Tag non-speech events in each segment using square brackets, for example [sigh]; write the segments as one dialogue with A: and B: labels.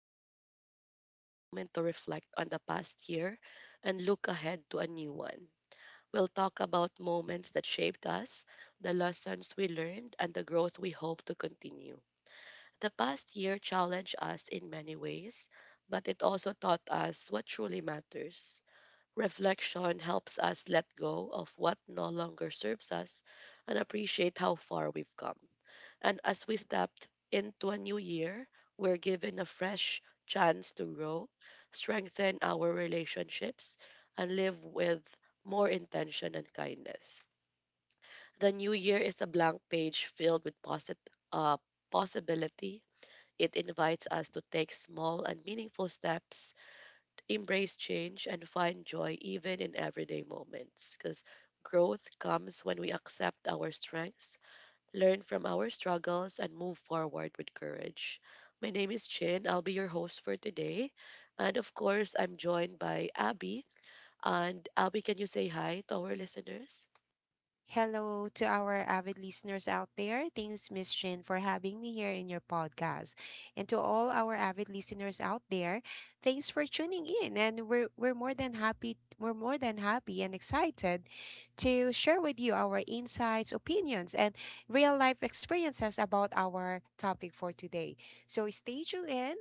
A: Today, we are taking a moment to reflect on the past year and look ahead to a new one. We'll talk about moments that shaped us, the lessons we learned, and the growth we hope to continue. The past year challenged us in many ways, but it also taught us what truly matters. Reflection helps us let go of what no longer serves us and appreciate how far we've come. And as we stepped into a new year, we're given a fresh chance to grow, strengthen our relationships, and live with more intention and kindness. The new year is a blank page filled with uh, possibility. It invites us to take small and meaningful steps, embrace change, and find joy even in everyday moments. Because growth comes when we accept our strengths, learn from our struggles, and move forward with courage. My name is Chin. I'll be your host for today. And of course, I'm joined by Abby. And Abby, can you say hi to our listeners?
B: Hello to our avid listeners out there. Thanks, Miss Shin, for having me here in your podcast. And to all our avid listeners out there, thanks for tuning in. And we're more than happy and excited to share with you our insights, opinions, and real life experiences about our topic for today. So stay tuned in,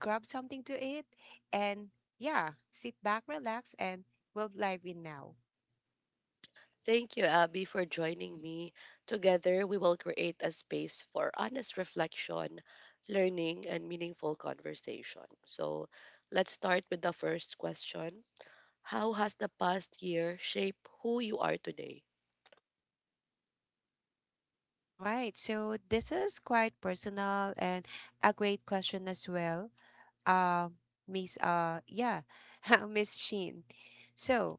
B: grab something to eat, and yeah, sit back, relax, and we'll dive in now.
A: Thank you, Abby, for joining me. Together, we will create a space for honest reflection, learning, and meaningful conversation. So, let's start with the first question. How has the past year shaped who you are today?
B: All right. So this is quite personal and a great question as well. Um, Miss yeah, [laughs] Miss Sheen. So,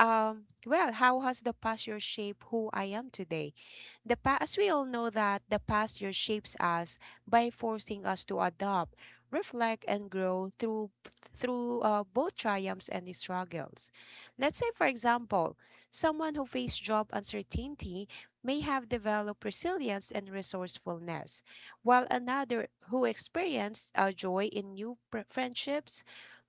B: um well, how has the past year shaped who I am today? The past, as we all know that the past year shapes us by forcing us to adopt, reflect, and grow through both triumphs and struggles. Let's say, for example, someone who faced job uncertainty may have developed resilience and resourcefulness, while another who experienced joy in new friendships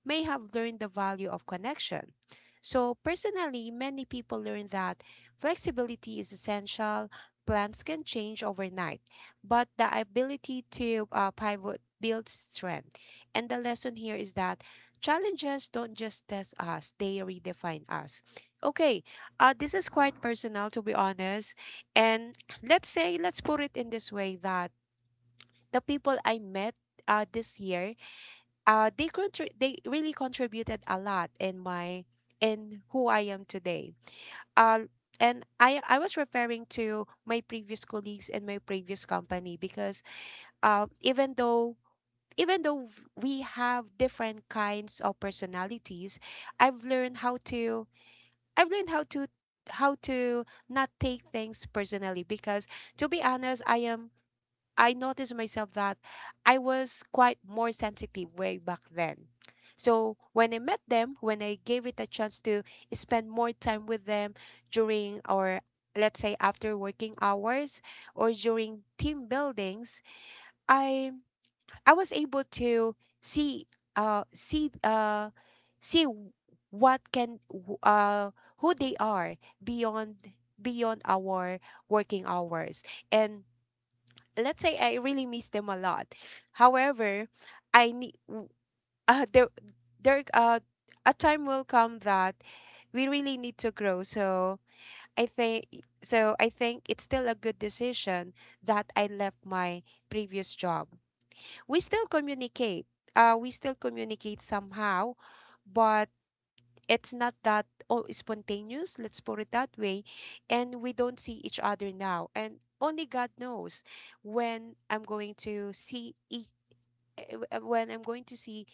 B: may have learned the value of connection. So, personally, many people learn that flexibility is essential, plans can change overnight, but the ability to pivot builds strength. And the lesson here is that challenges don't just test us, they redefine us. Okay, this is quite personal, to be honest. And let's put it in this way, that the people I met this year, they really contributed a lot in my, in who I am today, uh, and I was referring to my previous colleagues and my previous company because even though we have different kinds of personalities, I've learned how to I've learned how to not take things personally because, to be honest, I noticed myself that I was quite more sensitive way back then. So when I met them, when I gave it a chance to spend more time with them during, or let's say after working hours or during team buildings, I I was able to see see see w- what can w- who they are beyond, beyond our working hours, and let's say I really miss them a lot. However, I need [laughs] there there a time will come that we really need to grow. I think so I think it's still a good decision that I left my previous job. We still communicate. We still communicate somehow, but it's not that, oh, spontaneous, let's put it that way. And we don't see each other now. And only God knows when I'm going to see each, when I'm going to see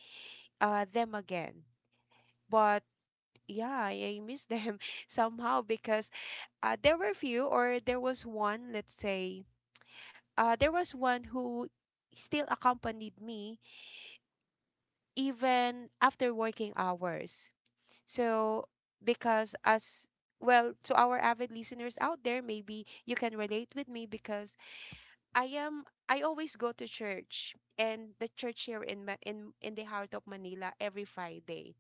B: them again. But yeah, I miss them [laughs] somehow because, there were few, or there was one, let's say, there was one who still accompanied me even after working hours. So, because as well, to our avid listeners out there, maybe you can relate with me because I always go to church, and the church here in in the heart of Manila every Friday.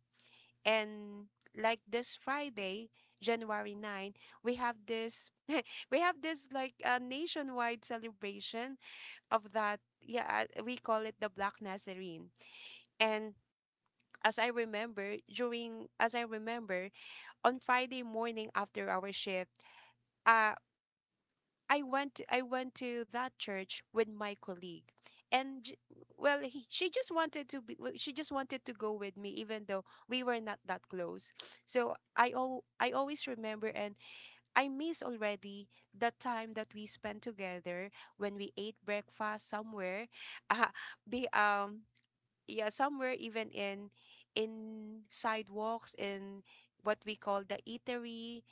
B: And like this Friday, January 9, we have this [laughs] we have this like a nationwide celebration of that, yeah, we call it the Black Nazarene. And as I remember on Friday morning after our shift, uh, I went to that church with my colleague, and she just wanted to she just wanted to go with me even though we were not that close. So I always remember and I miss already the time that we spent together when we ate breakfast somewhere, [laughs] uh, be yeah, somewhere, even in sidewalks, in what we call the eatery.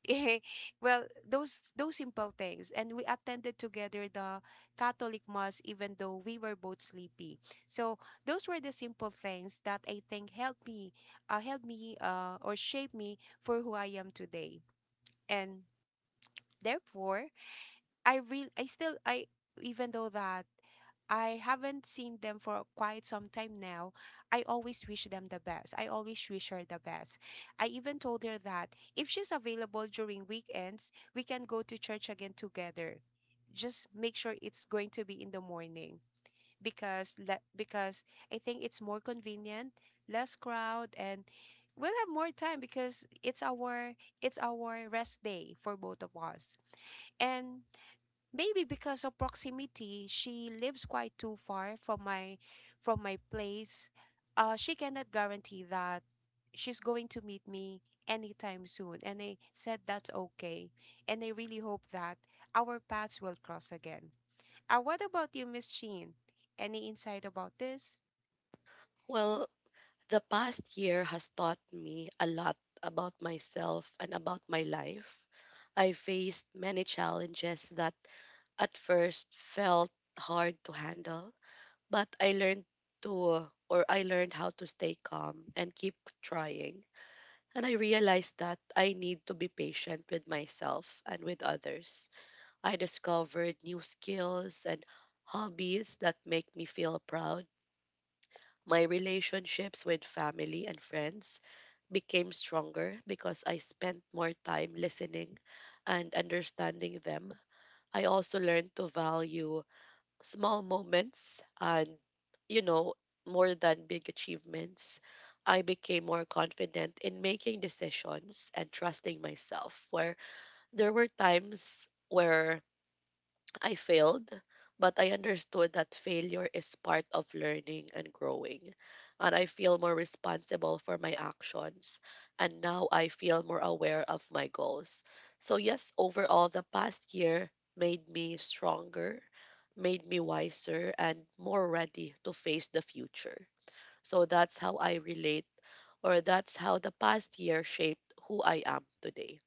B: [laughs] Well, those simple things, and we attended together the Catholic mass, even though we were both sleepy. So those were the simple things that I think helped me, or shaped me for who I am today, and therefore, I, even though that I haven't seen them for quite some time now, I always wish them the best. I always wish her the best. I even told her that if she's available during weekends, we can go to church again together. Just make sure it's going to be in the morning because I think it's more convenient, less crowd, and we'll have more time because it's our rest day for both of us. And maybe because of proximity, she lives quite too far from my place. She cannot guarantee that she's going to meet me anytime soon. And I said that's okay. And I really hope that our paths will cross again. What about you, Miss Sheen? Any insight about this?
A: Well, the past year has taught me a lot about myself and about my life. I faced many challenges that at first felt hard to handle, but I learned how to stay calm and keep trying. And I realized that I need to be patient with myself and with others. I discovered new skills and hobbies that make me feel proud. My relationships with family and friends became stronger because I spent more time listening and understanding them. I also learned to value small moments and, you know, more than big achievements. I became more confident in making decisions and trusting myself, where there were times where I failed, but I understood that failure is part of learning and growing. And I feel more responsible for my actions. And now I feel more aware of my goals. So, yes, overall, the past year made me stronger, made me wiser, and more ready to face the future. So, that's how I relate, or that's how the past year shaped who I am today.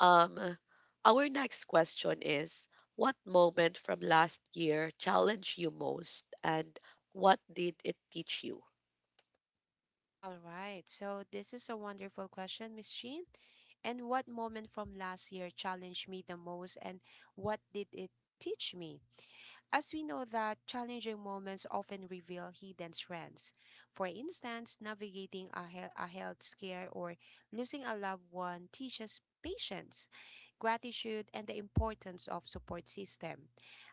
A: Um, our next question is, what moment from last year challenged you most and what did it teach you?
B: All right. So this is a wonderful question, Miss Sheen. And what moment from last year challenged me the most, and what did it teach me? As we know, that challenging moments often reveal hidden strengths. For instance, navigating a, a health scare, or losing a loved one teaches patience, gratitude, and the importance of support system.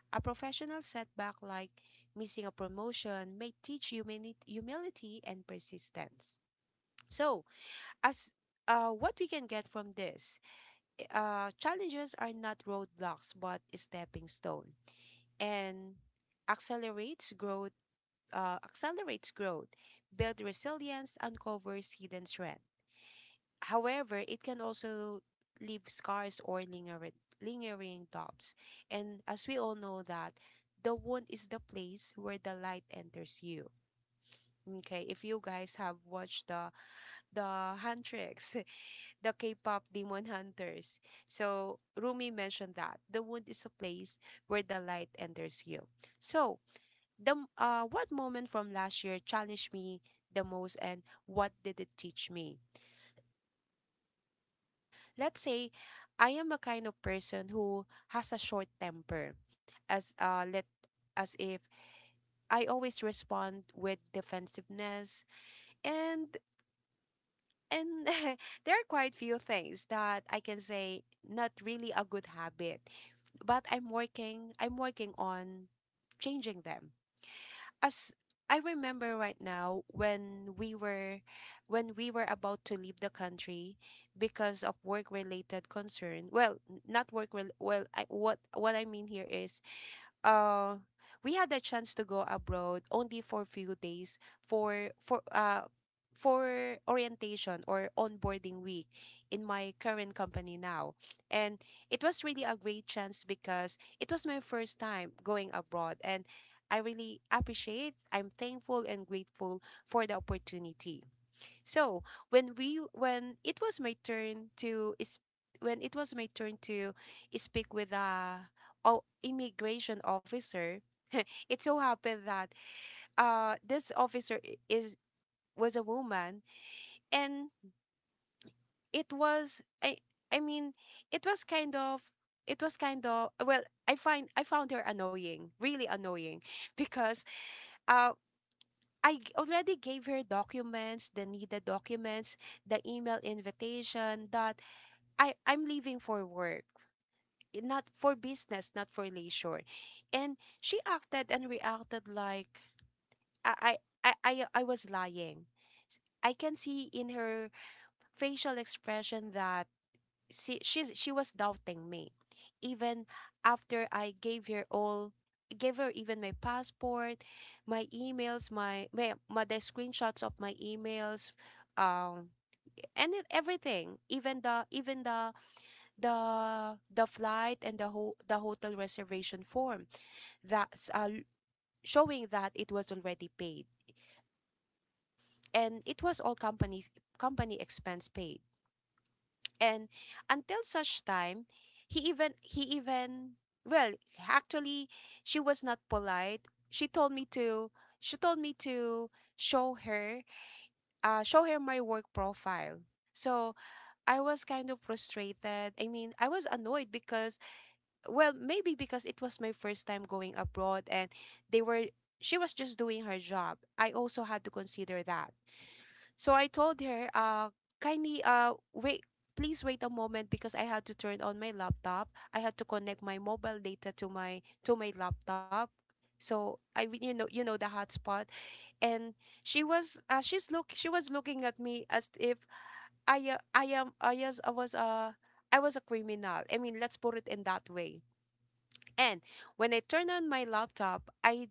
B: A professional setback like missing a promotion may teach humility and persistence. So, as what we can get from this, challenges are not roadblocks but stepping stone, and accelerates growth accelerates growth, build resilience, uncovers hidden strength. However, it can also leave scars or lingering doubts. And as we all know that the wound is the place where the light enters you. Okay, if you guys have watched the hand tricks, [laughs] the K-pop Demon Hunters, so Rumi mentioned that the wound is a place where the light enters you. So what moment from last year challenged me the most and what did it teach me? Let's say I am a kind of person who has a short temper, as uh let as if I always respond with defensiveness. And and [laughs] there are quite few things that I can say not really a good habit, but I'm working on changing them. As I remember right now, when we were about to leave the country because of work related concern, well n- not work rel- well, I, what I mean here is, uh we had the chance to go abroad only for a few days, for orientation or onboarding week in my current company now. And it was really a great chance because it was my first time going abroad, and I really appreciate, I'm thankful and grateful for the opportunity. So when it was my turn to is when it was my turn to speak with a, oh, immigration officer, [laughs] it so happened that, uh, this officer I- is was a woman. And it was, I mean, it was kind of, it was kind of, well, I found her annoying, really annoying, [laughs] because, uh, already gave her documents, the needed documents, the email invitation that I'm leaving for work, not for business, not for leisure." And she acted and reacted like I was lying. I can see in her facial expression that she was doubting me, even after I gave her all, gave her even my passport, my emails, my the screenshots of my emails, um and it, everything, even the, even the, the flight and the the hotel reservation form that's, showing that it was already paid, and it was all companies company expense paid. And until such time, he even, well, actually, she was not polite. She told me to show her, show her my work profile. So I was kind of frustrated, I mean, I was annoyed because, well, maybe because it was my first time going abroad, and they were she was just doing her job, I also had to consider that. So I told her, kindly, wait, please wait a moment because I had to turn on my laptop, I had to connect my mobile data to my laptop. So I mean, you know, you know, the hotspot. And she was looking at me as if I was, I was a criminal. I mean, let's put it in that way. And when I turned on my laptop,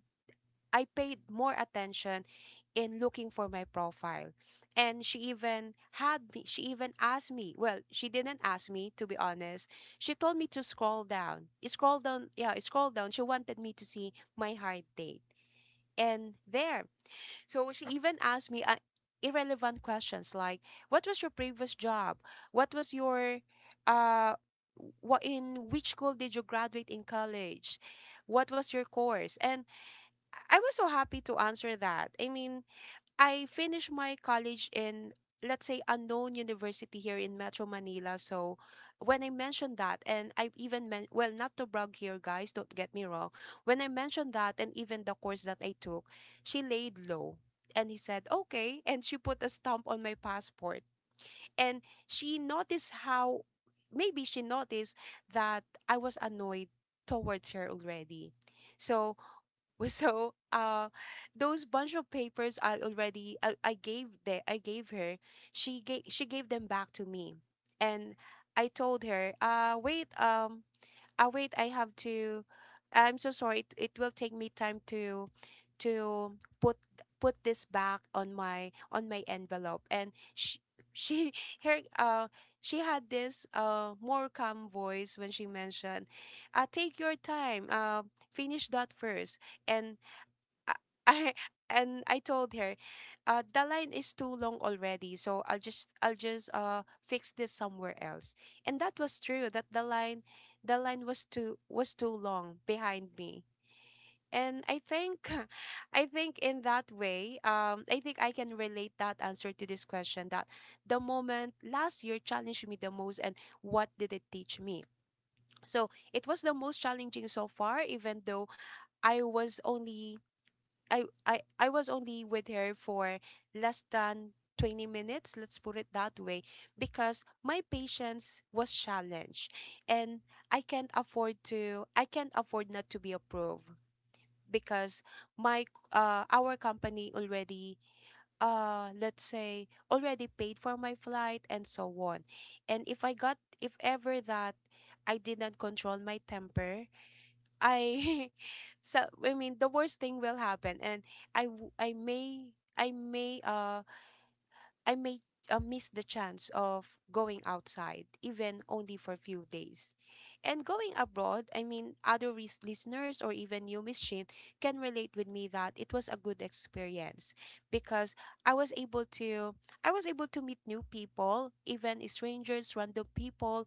B: I paid more attention in looking for my profile. And she even asked me. Well, she didn't ask me, to be honest. She told me to scroll down. Scroll down, yeah, scroll down. She wanted me to see my hard date. And there, she even asked me, irrelevant questions like, "What was your previous job? What was your uh, what in which school did you graduate in college? What was your course?" And I was so happy to answer that. I mean, I finished my college in, let's say, unknown university here in Metro Manila. So when I mentioned that and I even men well not to brag here, guys, don't get me wrong. When I mentioned that and even the course that I took, she laid low and he said, "Okay." And she put a stamp on my passport. And she noticed that I was annoyed towards her already. So [laughs] So, uh, those bunch of papers I gave her. She gave them back to me, and I told her, wait, I have to. I'm so sorry. It will take me time to, to put this back on my envelope. And she [laughs] her she had this more calm voice when she mentioned, take your time. Finish that first, and I, I I told her, the line is too long already, so I'll just fix this somewhere else. And that was true. That the line was too long behind me. And I think, [laughs] I think in that way, I think I can relate that answer to this question: that the moment last year challenged me the most, and what did it teach me? So it was the most challenging so far, even though I was only I was only with her for less than 20 minutes, let's put it that way, because my patience was challenged, and I can't afford not to be approved because my our company already, let's say, already paid for my flight and so on. And if ever that I did not control my temper, I [laughs] so, I mean, the worst thing will happen, and I w- I may I may I may miss the chance of going outside, even only for a few days. And going abroad, I mean, other listeners or even you, Miss Shin, can relate with me that it was a good experience because I was able to, I was able to meet new people, even strangers, random people,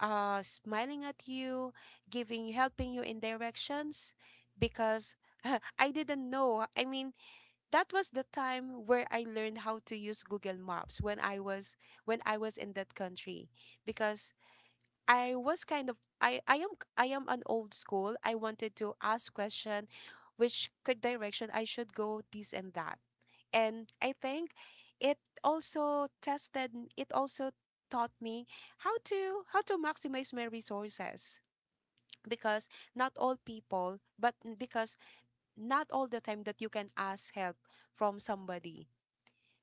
B: smiling at you, giving, helping you in directions, because [laughs] I didn't know. I mean, that was the time where I learned how to use Google Maps when I was in that country because I was kind of I am an old school. I wanted to ask question direction I should go, this and that. And I think it also tested it also taught me how to maximize my resources because not all people, but because not all the time that you can ask help from somebody,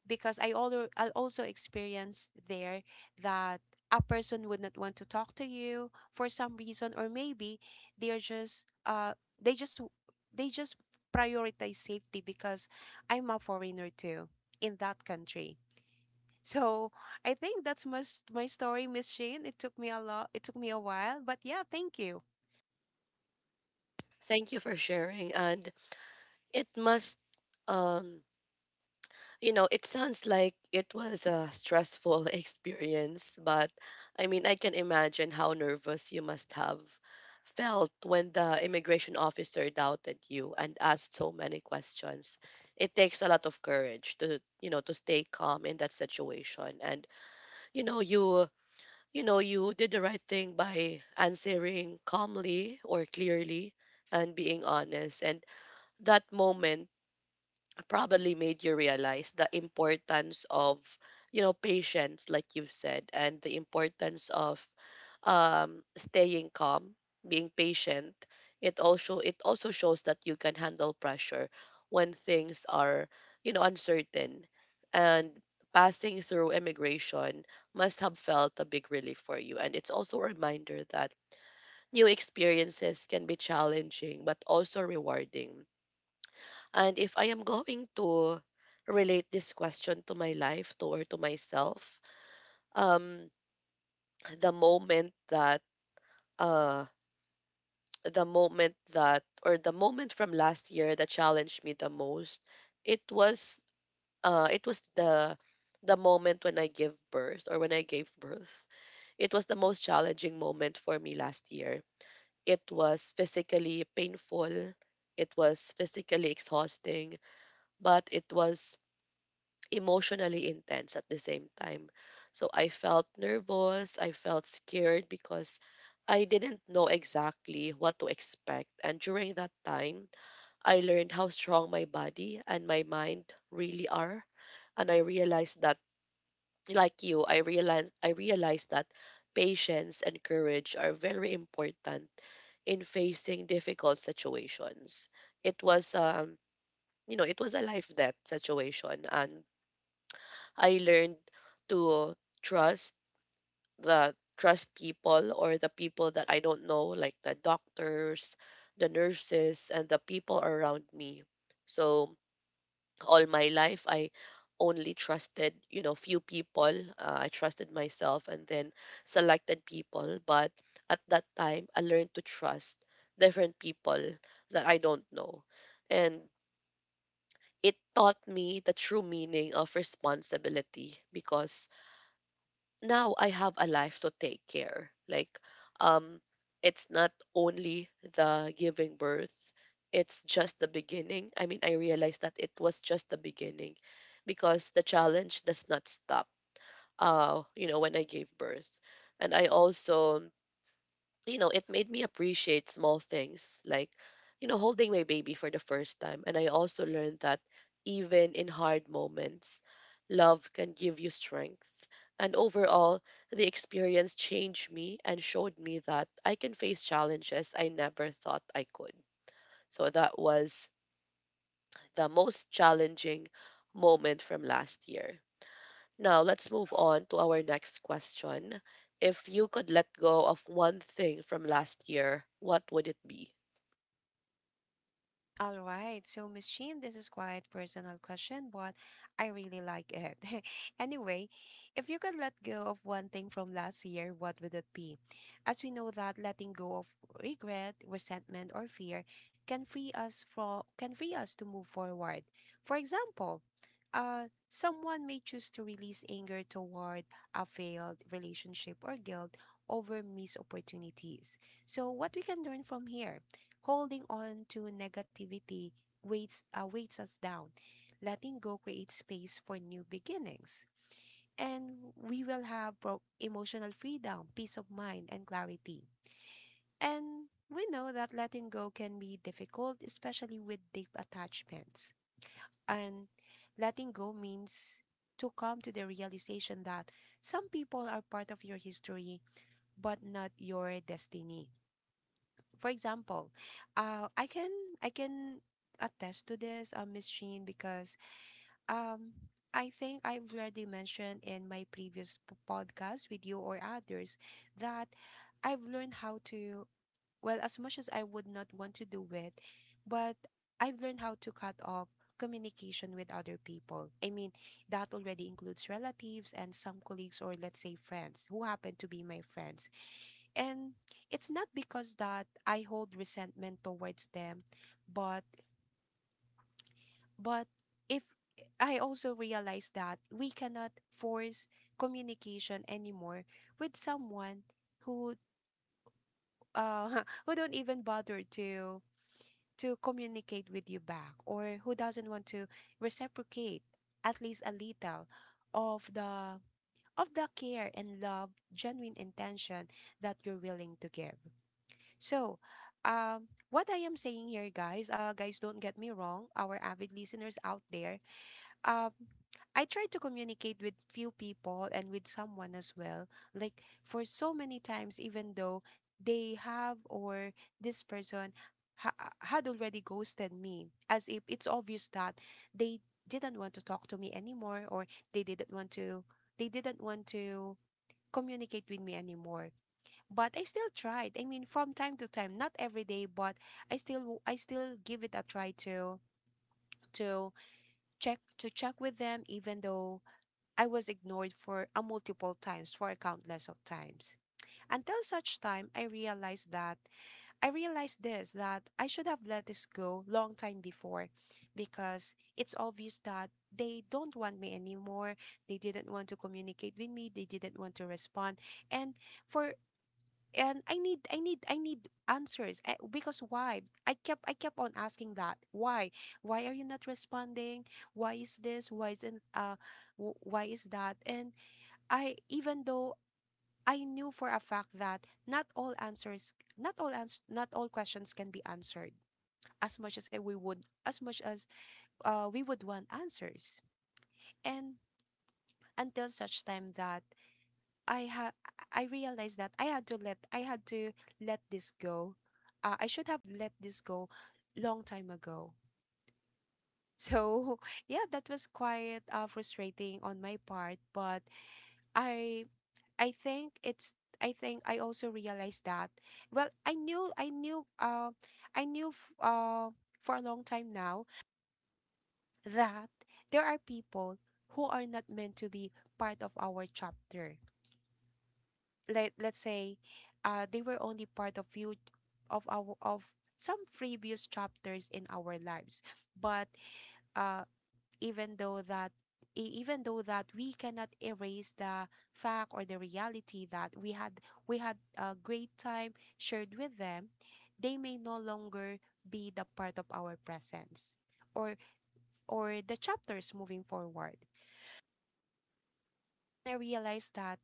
B: because I also experienced there that a person would not want to talk to you for some reason, or maybe they're just uh they just they just prioritize safety because I'm a foreigner too in that country. So I think that's my story, Miss Shane. It took me a lot. It took me a while, but yeah, thank you.
A: Thank you for sharing. And it must, um you know, it sounds like it was a stressful [laughs] experience, but I mean, I can imagine how nervous you must have felt when the immigration officer doubted you and asked so many questions. It takes a lot of courage to, you know, to stay calm in that situation. And, you know, you, you did the right thing by answering calmly or clearly and being honest. And that moment probably made you realize the importance of, you know, patience, like you've said, and the importance of, staying calm, being patient. It also shows that you can handle pressure when things are, you know, uncertain. And passing through immigration must have felt a big relief for you, and it's also a reminder that new experiences can be challenging but also rewarding. And if I am going to relate this question to my life, to myself, um, the moment that uh, the moment from last year that challenged me the most, it was, uh, it was the the moment when I give birth or when I gave birth. It was the most challenging moment for me last year. It was physically painful. It was physically exhausting, but it was emotionally intense at the same time. So I felt nervous, I felt scared because I didn't know exactly what to expect. And during that time, I learned how strong my body and my mind really are. And I realized that, like you, I realized that patience and courage are very important in facing difficult situations. It was, you know, it was a life death situation, and I learned to trust trust people, or the people that I don't know, like the doctors, the nurses, and the people around me. So all my life, I only trusted, you know, few people. I trusted myself and then selected people. But at that time, I learned to trust different people that I don't know, and it taught me the true meaning of responsibility because now I have a life to take care. Like, um, it's not only the giving birth, it's just the beginning. I mean, I realized that it was just the beginning because the challenge does not stop. You know, when I gave birth. And I also, you know, it made me appreciate small things like, you know, holding my baby for the first time. And I also learned that even in hard moments, love can give you strength. And overall, the experience changed me and showed me that I can face challenges I never thought I could. So that was the most challenging moment from last year. Now, let's move on to our next question. If you could let go of one thing from last year, what would it be?
B: All right, so Miss Sheen, this is quite personal question, but I really like it. [laughs] Anyway, if you could let go of one thing from last year, what would it be? As we know, that letting go of regret, resentment, or fear can free us from can free us to move forward. For example, someone may choose to release anger toward a failed relationship or guilt over missed opportunities. So, what we can learn from here? Holding on to negativity weights, weights us down. Letting go creates space for new beginnings. And we will have emotional freedom, peace of mind, and clarity. And we know that letting go can be difficult, especially with deep attachments. And letting go means to come to the realization that some people are part of your history but not your destiny. For example, uh, I can I can attest to this, Miss Sheen, because um, I think I've already mentioned in my previous podcast with you or others that I've learned how to. Well, as much as I would not want to do it, but I've learned how to cut off communication with other people. I mean, that already includes relatives and some colleagues, or let's say friends who happen to be my friends, and it's not because that I hold resentment towards them, but but if I also realize that we cannot force communication anymore with someone who [laughs] who don't even bother to communicate with you back, or who doesn't want to reciprocate at least a little of the care and love, genuine intention that you're willing to give. So, what I am saying here, guys, guys, don't get me wrong, our avid listeners out there, um, I tried to communicate with few people and with someone as well. Like for so many times, even though they have, or this person had already ghosted me, as if it's obvious that they didn't want to talk to me anymore, or they didn't want to, they didn't want to communicate with me anymore, but I still tried. I mean, from time to time, not every day, but I still give it a try to to check with them, even though I was ignored for a multiple times, for a countless of times. Until such time I realized that, I realized this that I should have let this go long time before, because it's obvious that they don't want me anymore. They didn't want to communicate with me. They didn't want to respond. And for and I need I need answers, because why I kept on asking that, why are you not responding, why is this, why isn't w- why is that, and I, even though I knew for a fact that not all questions can be answered, as much as I- we would as much as we would want answers, and until such time that I ha I realized that I had to let this go. I should have let this go long time ago. So [laughs] yeah, that was quite, frustrating on my part, but I I think it's, I think I also realized that. Well, I knew I knew I knew f for a long time now that there are people who are not meant to be part of our chapter. Let's say they were only part of few of our, of some previous chapters in our lives, but uh even though that even though that we cannot erase the fact or the reality that we had a great time shared with them, they may no longer be the part of our presence, or or the chapters moving forward. And I realized that,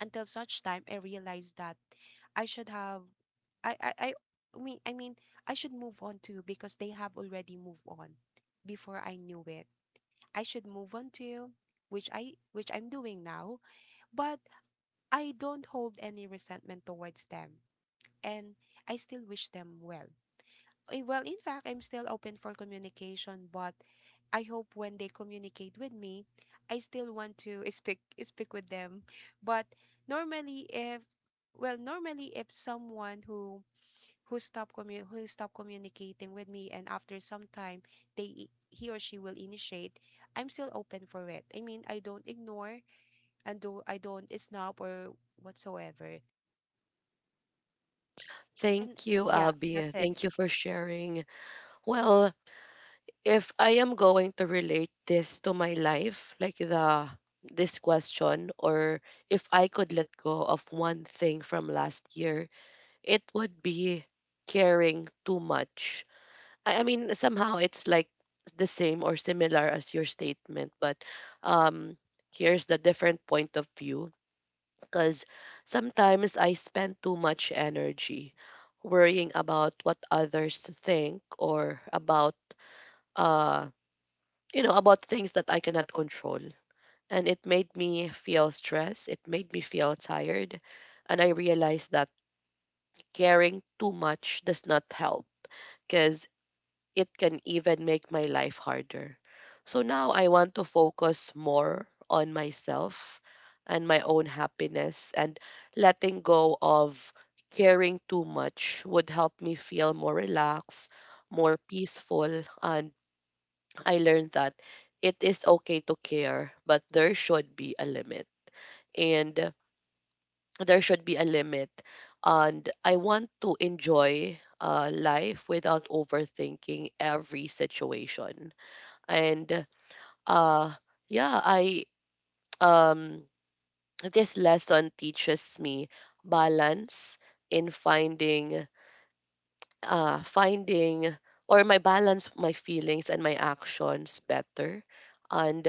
B: until such time I realized that I should have, I I I I mean, I should move on too, because they have already moved on before I knew it. I should move on too, which I'm doing now, but I don't hold any resentment towards them, and I still wish them well. Eh, well, in fact, I'm still open for communication, but I hope when they communicate with me, I still want to [laughs] speak with them. But normally if, well, normally if someone who who stop communicating with me, and after some time he or she will initiate, I'm still open for it. I mean, I don't ignore, and do I don't snub or whatsoever. And
A: Thank you,
B: yeah,
A: Abby.
B: that's it.
A: Thank you for sharing. Well, if I am going to relate this to my life, like the this question, or if I could let go of one thing from last year, it would be caring too much. I mean, somehow it's like the same or similar as your statement, but um, here's the different point of view. Because sometimes I spend too much energy worrying about what others think or about, uh, about things that I cannot control. And it made me feel stressed. It made me feel tired. And I realized that caring too much does not help because it can even make my life harder. So now I want to focus more on myself and my own happiness, and letting go of caring too much would help me feel more relaxed, more peaceful. And I learned that it is okay to care, but And there should be a limit. And I want to enjoy life without overthinking every situation. And uh yeah I um this lesson teaches me balance in finding or my balance, my feelings and my actions better. And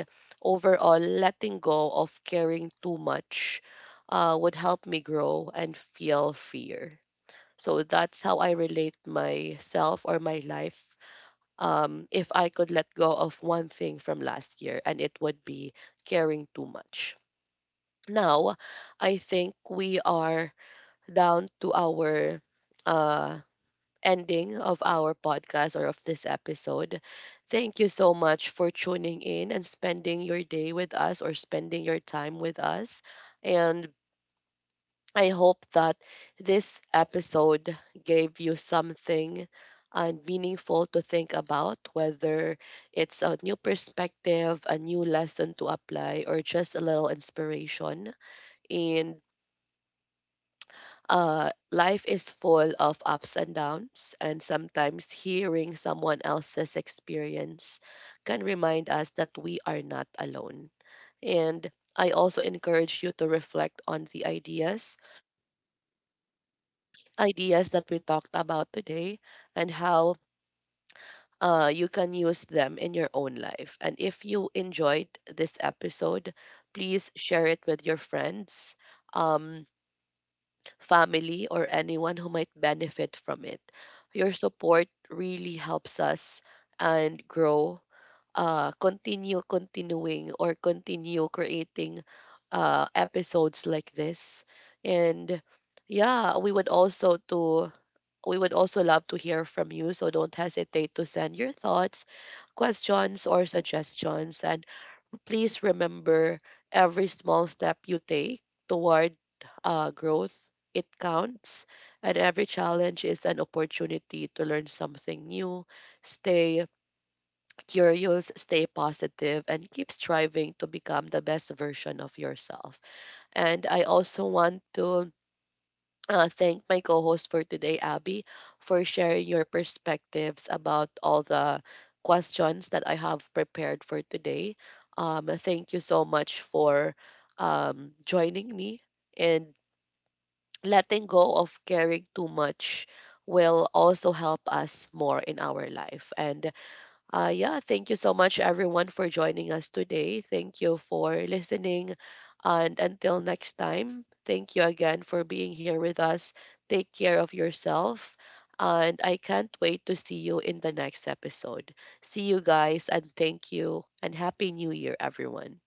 A: overall, letting go of caring too much would help me grow and feel freer. So that's how I relate myself or my life. If I could let go of one thing from last year, and it would be caring too much. Now, I think we are down to our, uh, ending of our podcast, or of this episode. Thank you so much for tuning in and spending your day with us, or spending your time with us. And I hope that this episode gave you something and meaningful to think about, whether it's a new perspective, a new lesson to apply, or just a little inspiration. And, life is full of ups and downs, and sometimes hearing someone else's experience can remind us that we are not alone. And I also encourage you to reflect on the ideas that we talked about today and how you can use them in your own life. And if you enjoyed this episode, please share it with your friends, um, family, or anyone who might benefit from it. Your support really helps us and grow. Continue continuing or Continue creating, episodes like this. And yeah, we would also love to hear from you, so don't hesitate to send your thoughts, questions, or suggestions. And please remember, every small step you take toward, growth, it counts. And every challenge is an opportunity to learn something new. Stay curious, stay positive, and keep striving to become the best version of yourself. And I also want to, thank my co-host for today, Abby, for sharing your perspectives about all the questions that I have prepared for today. Thank you so much for, joining me. And letting go of caring too much will also help us more in our life. And, yeah, thank you so much, everyone, for joining us today. Thank you for listening. And until next time, thank you again for being here with us. Take care of yourself. And I can't wait to see you in the next episode. See you guys, and thank you. And Happy New Year, everyone.